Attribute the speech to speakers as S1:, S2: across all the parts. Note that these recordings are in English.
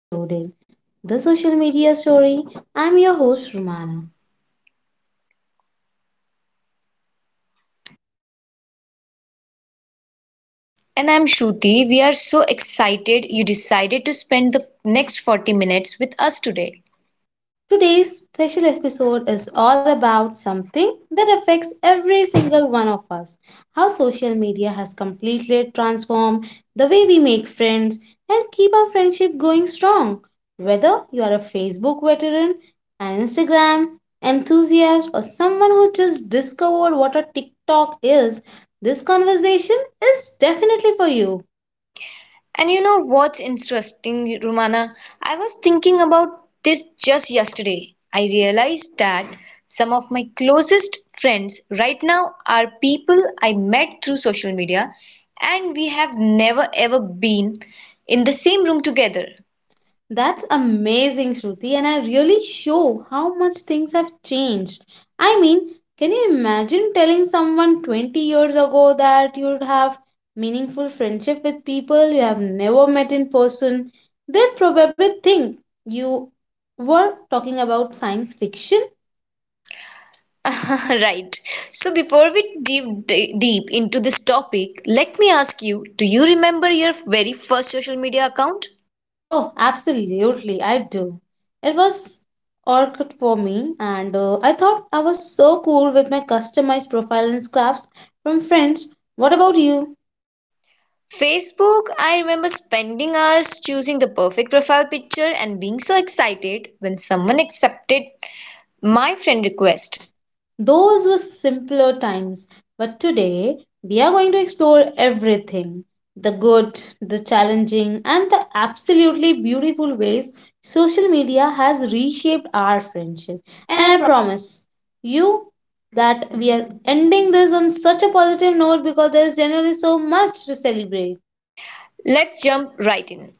S1: Reloaded, the social media story.
S2: I'm
S1: I'm
S2: your
S1: your
S2: host,
S1: host,
S2: Romana.
S1: Romana.
S2: And I'm Shruti. We are so excited you decided to spend the next 40 minutes with us today.
S1: Today's special episode is all about something that affects every single one of us. How social media has completely transformed the way we make friends and keep our friendship going strong. Whether you are a Facebook veteran, an Instagram enthusiast, or someone who just discovered what a TikTok is, this conversation is definitely for you.
S2: And you know what's interesting, Romana? I was thinking about this just yesterday. I realized that some of my closest friends right now are people I met through social media and we have never ever been in the same room together.
S1: That's amazing, Shruti, and I really show how much things have changed. I mean, can you imagine telling someone 20 years ago that you'd have meaningful friendship with people you have never met in person? They'd probably think you were talking about science fiction.
S2: Right. So before we dive deep into this topic, let me ask you, do you remember your very first social media account?
S1: Oh, absolutely, I do. It was orchid for me, and I thought I was so cool with my customized profile and scraps from friends. What about you?
S2: Facebook, I remember spending hours choosing the perfect profile picture and being so excited when someone accepted my friend request.
S1: Those were simpler times, but today we are going to explore everything, the good, the challenging, and the absolutely beautiful ways social media has reshaped our friendship.
S2: And I
S1: And I
S2: pro-
S1: promise you that we are ending this on such a positive note because there is generally so much to celebrate.
S2: Let's jump right in.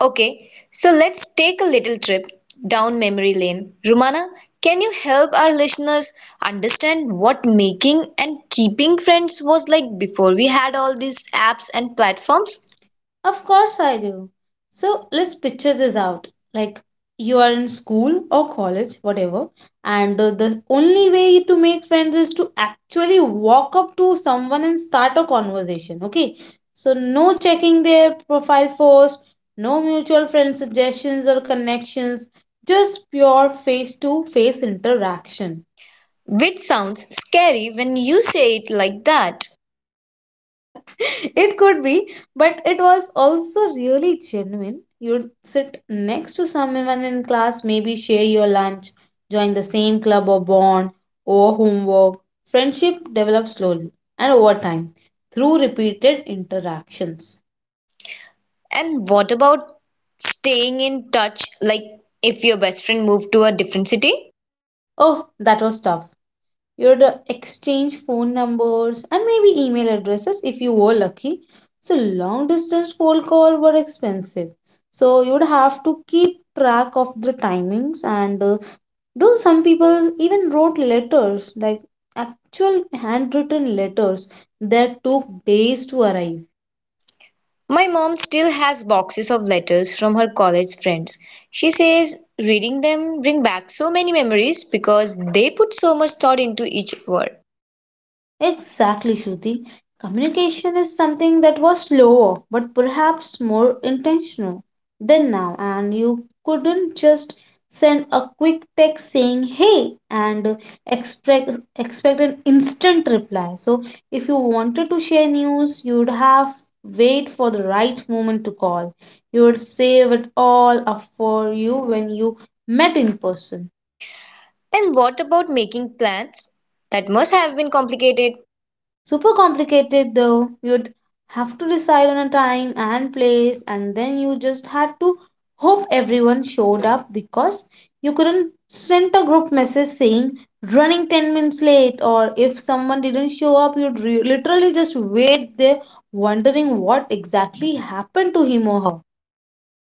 S2: Okay, so let's take a little trip down memory lane. Rumana, can you help our listeners understand what making and keeping friends was like before we had all these apps and platforms?
S1: Songs? Of course I do. So let's picture this out. Like you are in school or college, whatever, and the only way to make friends is to actually walk up to someone and start a conversation. Okay. So no checking their profile first, no mutual friend suggestions or connections, just pure face to face interaction.
S2: Which sounds scary when you say it like that.
S1: It could be, but it was also really genuine. You'd sit next to someone in class, maybe share your lunch, join the same club or bond or homework. Friendship develops slowly and over time through repeated interactions.
S2: And what about staying in touch, like if your best friend moved to a different city?
S1: Oh, that was tough. You'd exchange phone numbers and maybe email addresses if you were lucky. So long distance phone call were expensive. So you'd have to keep track of the timings, and though some people even wrote letters, like actual handwritten letters that took days to arrive.
S2: My mom still has boxes of letters from her college friends. She says reading them bring back so many memories because they put so much thought into each word.
S1: Exactly, Shruti. Communication is something that was slower, but perhaps more intentional than now, and you couldn't just send a quick text saying hey and expect expect an instant reply. So if you wanted to share news, you would have wait for the right moment to call. You would save it all up for you when you met in person.
S2: And what about making plans? That must have been complicated.
S1: Super complicated though. You'd have to decide on a time and place, and then you just had to hope everyone showed up because you couldn't send a group message saying running 10 minutes late, or if someone didn't show up, literally just wait there wondering what exactly happened to him or her.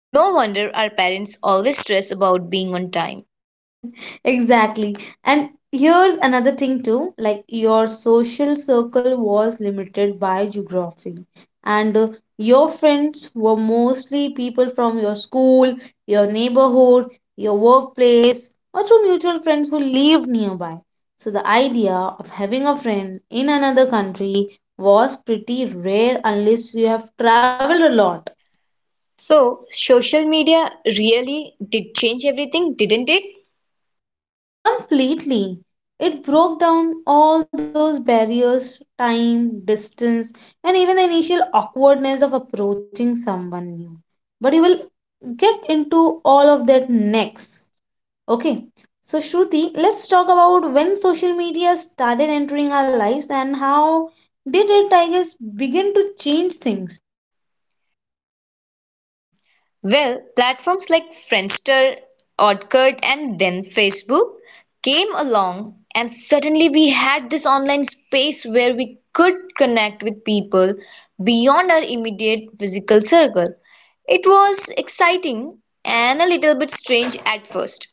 S2: No wonder our parents always stress about being on time.
S1: Exactly. And here's another thing too, like your social circle was limited by geography, and your friends were mostly people from your school, your neighborhood, your workplace, or through mutual friends who lived nearby. So the idea of having a friend in another country was pretty rare unless you have traveled a lot.
S2: So, social media really did change everything, didn't it?
S1: Completely. It broke down all those barriers, time, distance, and even the initial awkwardness of approaching someone new. But you will get into all of that next. Okay. So, Shruti, let's talk about when social media started entering our lives and how did it, I guess, begin to change things?
S2: Well, platforms like Friendster, Orkut, and then Facebook came along, and suddenly we had this online space where we could connect with people beyond our immediate physical circle. It was exciting and a little bit strange at first.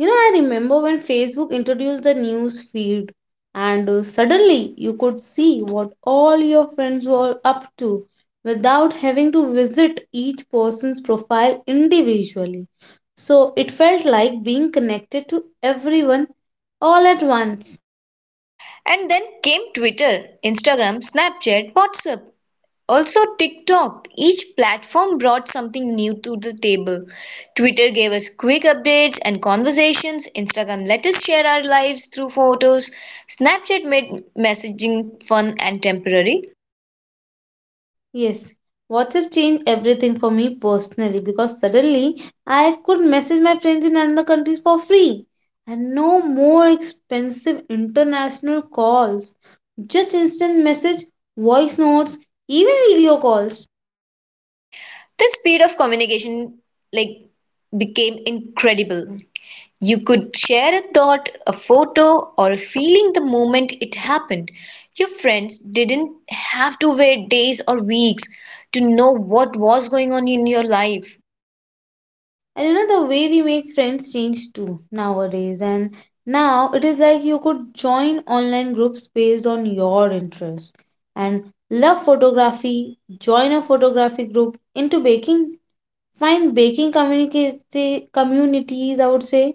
S1: You know, I remember when Facebook introduced the news feed, and suddenly you could see what all your friends were up to without having to visit each person's profile individually. So it felt like being connected to everyone all at once.
S2: And then came Twitter, Instagram, Snapchat, WhatsApp. Also TikTok. Each platform brought something new to the table. Twitter gave us quick updates and conversations. Instagram let us share our lives through photos. Snapchat made messaging fun and temporary.
S1: Yes, WhatsApp changed everything for me personally, because suddenly I could message my friends in other countries for free, and no more expensive international calls. Just instant message, voice notes, even video calls.
S2: The speed of communication like became incredible. You could share a thought, a photo, or a feeling the moment it happened. Your friends didn't have to wait days or weeks to know what was going on in your life.
S1: And you know, the way we make friends changed too nowadays. And now it is like you could join online groups based on your interest, and love photography, join a photography group, into baking, find baking communities, I would say.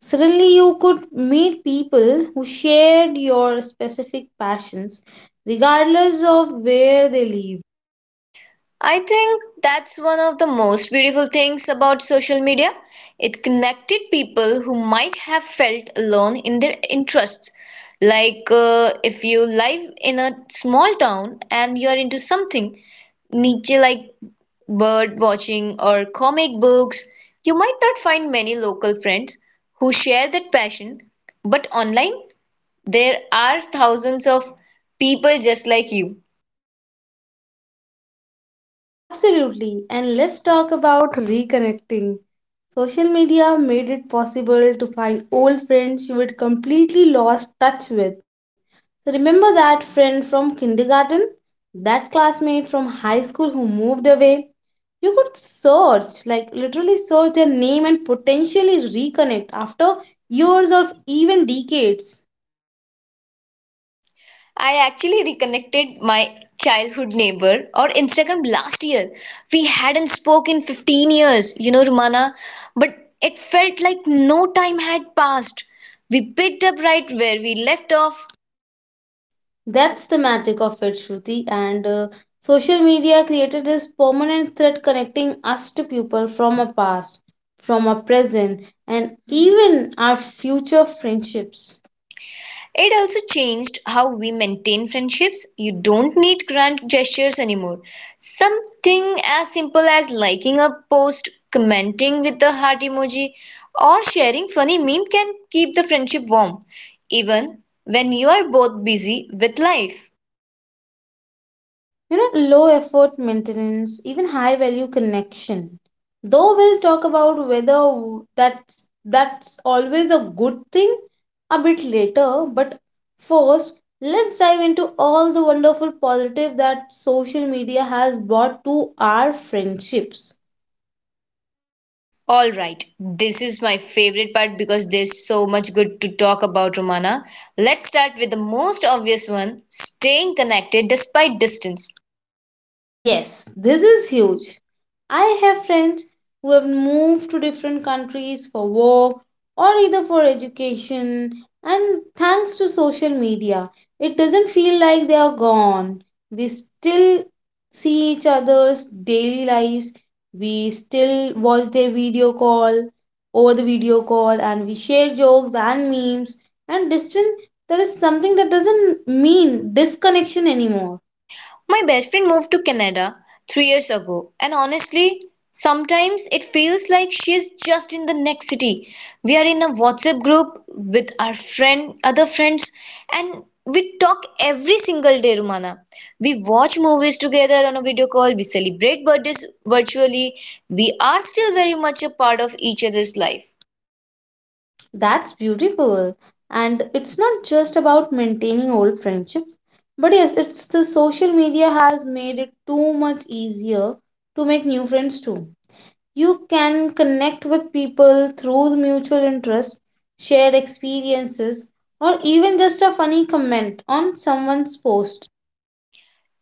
S1: Suddenly, you could meet people who shared your specific passions, regardless of where they live.
S2: I think that's one of the most beautiful things about social media. It connected people who might have felt alone in their interests. Like if you live in a small town and you are into something niche like bird watching or comic books, you might not find many local friends who share that passion. But online, there are thousands of people just like you.
S1: Absolutely. And let's talk about reconnecting. Social media made it possible to find old friends you had completely lost touch with. So remember that friend from kindergarten? That classmate from high school who moved away? You could search, like literally search their name and potentially reconnect after years or even decades.
S2: I actually reconnected my childhood neighbor on Instagram last year. We hadn't spoken in 15 years, you know, Rumana, but it felt like no time had passed. We picked up right where we left off.
S1: That's the magic of it, Shruti. And social media created this permanent thread connecting us to people from our past, from our present, and even our future friendships.
S2: It also changed how we maintain friendships. You don't need grand gestures anymore. Something as simple as liking a post, commenting with the heart emoji, or sharing funny meme can keep the friendship warm, even when you are both busy with life.
S1: You know, low effort maintenance, even high value connection. Though we'll talk about whether that's always a good thing a bit later, but first let's dive into all the wonderful positive that social media has brought to our friendships.
S2: All right, this is my favorite part because there's so much good to talk about, Romana. Let's start with the most obvious one staying connected despite distance.
S1: Yes, this is huge. I have friends who have moved to different countries for work or either for education, and thanks to social media, it doesn't feel like they are gone. We still see each other's daily lives, we still watch their video call over the video call, and we share jokes and memes. And distant, there is something that doesn't mean disconnection anymore.
S2: My best friend moved to Canada 3 years ago, and honestly, sometimes it feels like she's just in the next city. We are in a WhatsApp group with our friend, other friends, and we talk every single day, Rumana. We watch movies together on a video call, we celebrate birthdays virtually. We are still very much a part of each other's life.
S1: That's beautiful. And it's not just about maintaining old friendships, but yes, it's the social media has made it too much easier to make new friends too. You can connect with people through mutual interest, shared experiences, or even just a funny comment on someone's post.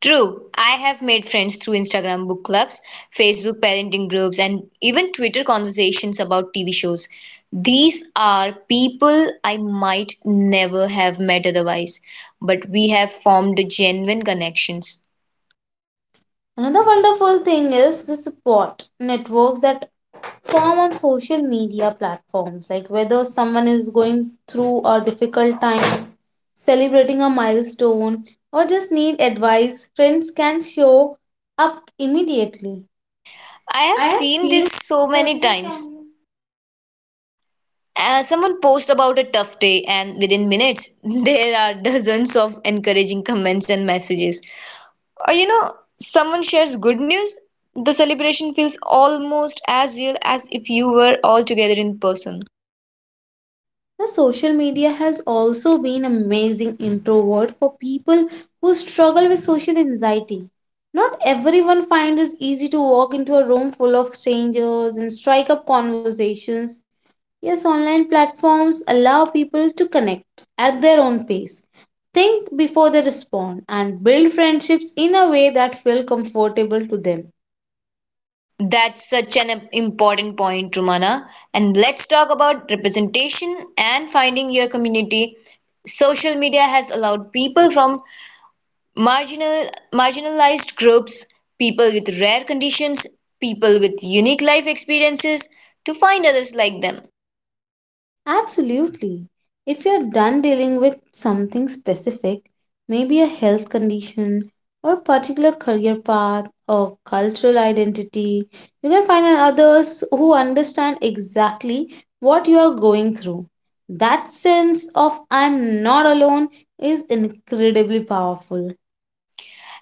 S2: True, I have made friends through Instagram book clubs, Facebook parenting groups, and even Twitter conversations about TV shows. These are people I might never have met otherwise, but we have formed genuine connections.
S1: Another wonderful thing is the support networks that form on social media platforms. Like whether someone is going through a difficult time, celebrating a milestone, or just need advice, friends can show up immediately.
S2: I have
S1: I have
S2: seen
S1: seen.
S2: this so many times. Someone posts about a tough day, and within minutes, there are dozens of encouraging comments and messages. Or, you know, someone shares good news, the celebration feels almost as real as if you were all together in person.
S1: Now, social media has also been amazing introvert for people who struggle with social anxiety. Not everyone finds it easy to walk into a room full of strangers and strike up conversations. Yes, online platforms allow people to connect at their own pace, think before they respond, and build friendships in a way that feel comfortable to them.
S2: That's such an important point, Rumana. And let's talk about representation and finding your community. Social media has allowed people from marginal, marginalized groups, people with rare conditions, people with unique life experiences to find others like them.
S1: Absolutely. If you're done dealing with something specific, maybe a health condition or particular career path or cultural identity, you can find others who understand exactly what you are going through. That sense of I'm not alone is incredibly powerful.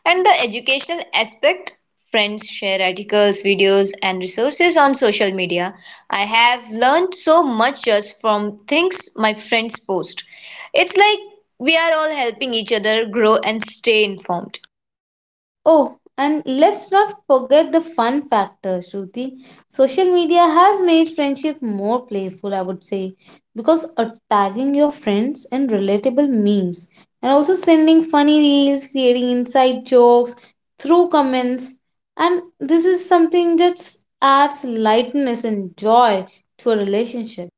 S2: And the educational aspect, friends share articles, videos, and resources on social media. I have learned so much just from things my friends post. It's like we are all helping each other grow and stay informed.
S1: Oh, and let's not forget the fun factor, Shruti. Social media has made friendship more playful, I would say, because tagging your friends in relatable memes, and also sending funny reels, creating inside jokes through comments. And this is something just adds lightness and joy to a relationship.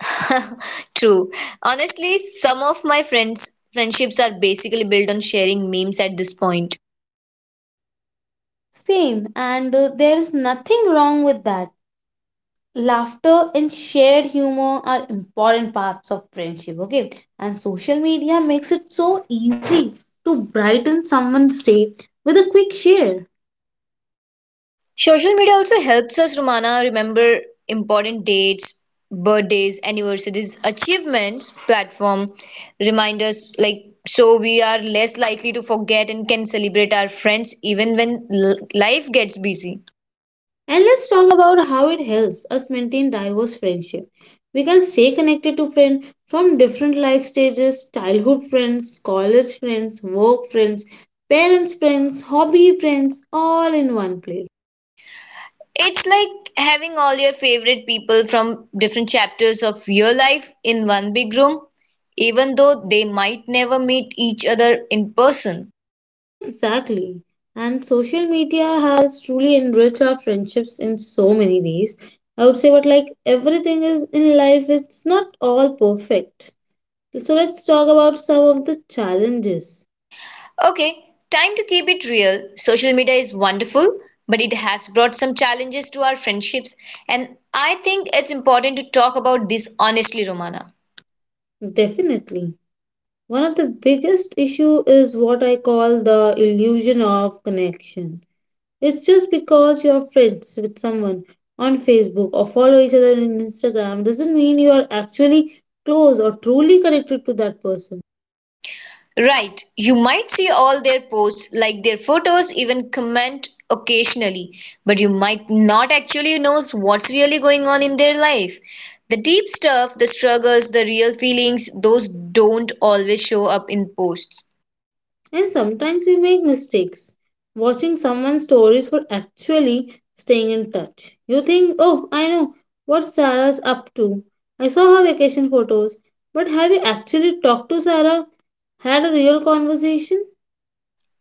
S2: True. Honestly, some of my friends friendships are basically built on sharing memes at this point.
S1: Same, and there is nothing wrong with that. Laughter and shared humor are important parts of friendship, okay? And social media makes it so easy to brighten someone's day with a quick share.
S2: Social media also helps us, Romana, remember important dates, birthdays, anniversaries, achievements, platform reminders like so we are less likely to forget and can celebrate our friends even when life gets busy.
S1: And let's talk about how it helps us maintain diverse friendship. We can stay connected to friends from different life stages, childhood friends, college friends, work friends, parents friends, hobby friends, all in one place.
S2: It's like having all your favorite people from different chapters of your life in one big room, even though they might never meet each other in person.
S1: Exactly. And social media has truly enriched our friendships in so many ways. I would say, but like everything is in life, it's not all perfect. So let's talk about some of the challenges.
S2: Okay, time to keep it real. Social media is wonderful, but it has brought some challenges to our friendships, and I think it's important to talk about this honestly, Romana.
S1: Definitely. One of the biggest issue is what I call the illusion of connection. It's just because you're friends with someone on Facebook or follow each other on Instagram doesn't mean you are actually close or truly connected to that person.
S2: Right, you might see all their posts, like their photos, even comment occasionally, but you might not actually know what's really going on in their life. The deep stuff, the struggles, the real feelings, those don't always show up in posts.
S1: And sometimes we make mistakes. Watching someone's stories for actually staying in touch. You think, oh, I know what Sarah's up to. I saw her vacation photos. But have you actually talked to Sarah? Had a real conversation?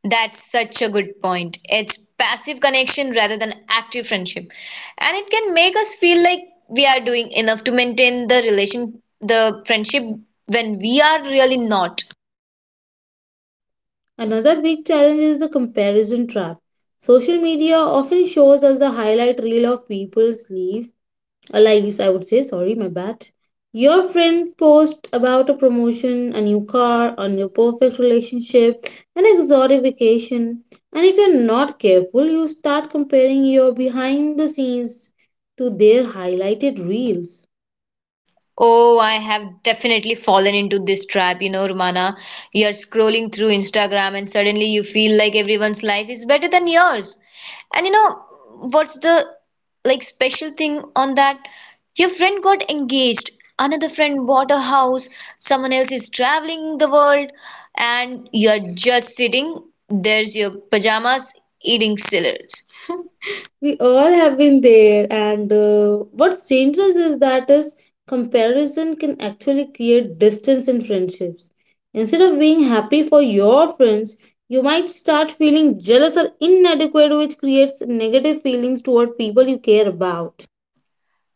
S2: That's such a good point. It's passive connection rather than active friendship. And it can make us feel like we are doing enough to maintain the relation, the friendship when we are really not.
S1: Another big challenge is the comparison trap. Social media often shows us the highlight reel of people's life, lives, I would say. Sorry, my bad. Your friend posts about a promotion, a new car, a new perfect relationship, an exotic vacation. And if you're not careful, you start comparing your behind the scenes to their highlighted reels.
S2: Oh, I have definitely fallen into this trap, you know, Romana. You're scrolling through Instagram and suddenly you feel like everyone's life is better than yours. And you know, what's the like special thing on that? Your friend got engaged, another friend bought a house, someone else is traveling the world, and you're just sitting there's your pajamas eating cereals.
S1: We all have been there, and what changes is that is comparison can actually create distance in friendships. Instead of being happy for your friends, you might start feeling jealous or inadequate, which creates negative feelings toward people you care about.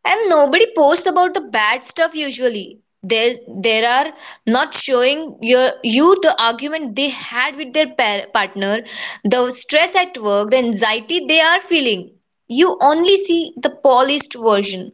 S2: And nobody posts about the bad stuff usually. There are not showing your you the argument they had with their partner, the stress at work, the anxiety they are feeling. You only see the polished version.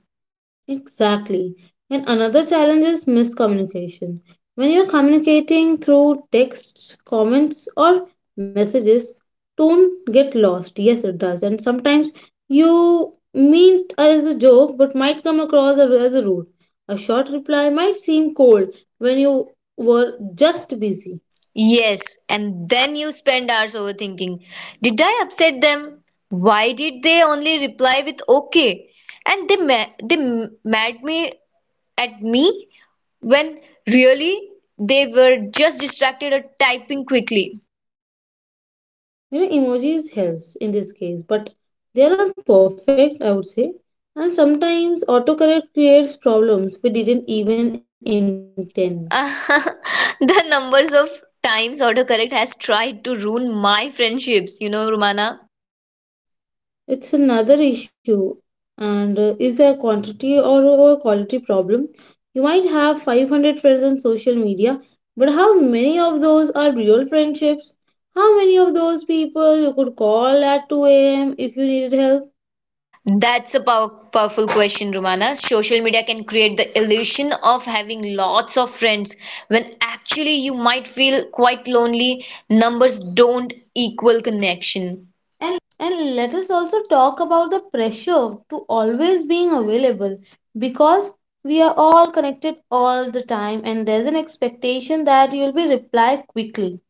S1: Exactly. And another challenge is miscommunication. When you're communicating through texts, comments, or messages, tone get lost. Yes, it does. And sometimes you mean as a joke, but might come across as a rude. A short reply might seem cold when you were just busy.
S2: Yes, and then you spend hours overthinking. Did I upset them? Why did they only reply with okay? And they ma- they m- mad me at me? When really they were just distracted or typing quickly.
S1: You know, emojis helps in this case, but they are not perfect. I would say, and sometimes autocorrect creates problems we didn't even intend.
S2: The numbers of times autocorrect has tried to ruin my friendships, you know, Romana.
S1: It's another issue. And is there a quantity or quality problem? You might have 500 friends on social media, but how many of those are real friendships? How many of those people you could call at 2 a.m. if you needed help?
S2: That's a powerful question, Romana. Social media can create the illusion of having lots of friends when actually you might feel quite lonely. Numbers don't equal connection.
S1: And let us also talk about the pressure to always being available, because we are all connected all the time, and there's an expectation that you'll be reply quickly.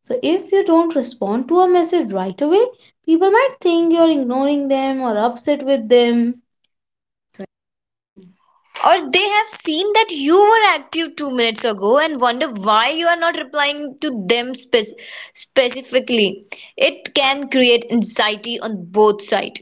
S1: So if you don't respond to a message right away, people might think you're ignoring them or upset with them.
S2: Or they have seen that you were active 2 minutes ago and wonder why you are not replying to them specifically. It can create anxiety on both sides.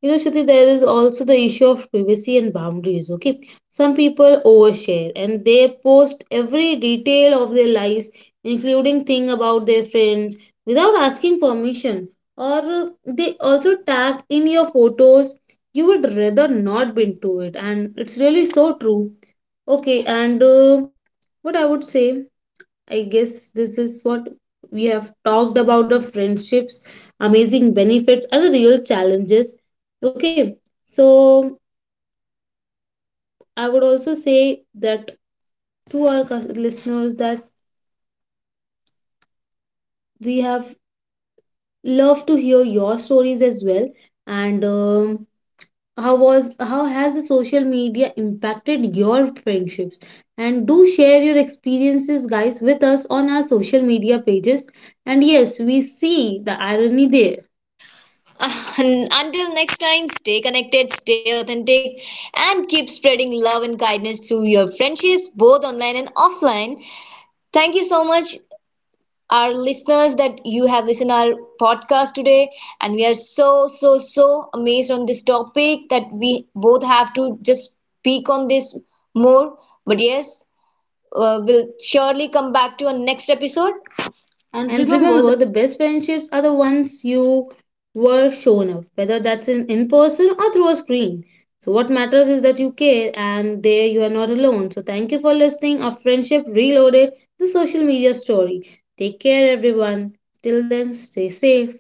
S1: You know, Shruti, there is also the issue of privacy and boundaries. Okay, some people overshare and they post every detail of their lives, including thing about their friends, without asking permission. Or they also tag in your photos. You would rather not be into it, and it's really so true. Okay, and what I would say. I guess this is what we have talked about, the friendships, amazing benefits, and the real challenges. Okay, so I would also say that to our listeners that we have loved to hear your stories as well. And how was how has the social media impacted your friendships? And do share your experiences, guys, with us on our social media pages. And yes, we see the irony there.
S2: Until next time, stay connected, stay authentic, and keep spreading love and kindness through your friendships, both online and offline. Thank you so much. Our listeners that you have listened our podcast today and we are so so so amazed on this topic that we both have to just speak on this more, but yes, we'll surely come back to a next episode. And
S1: And
S2: remember
S1: remember, the best friendships are the ones you were shown up, whether that's in person or through a screen. So, what matters is that you care and there you are not alone. So, thank you for listening. Our friendship reloaded, the social media story. Take care, everyone. Till then, stay safe.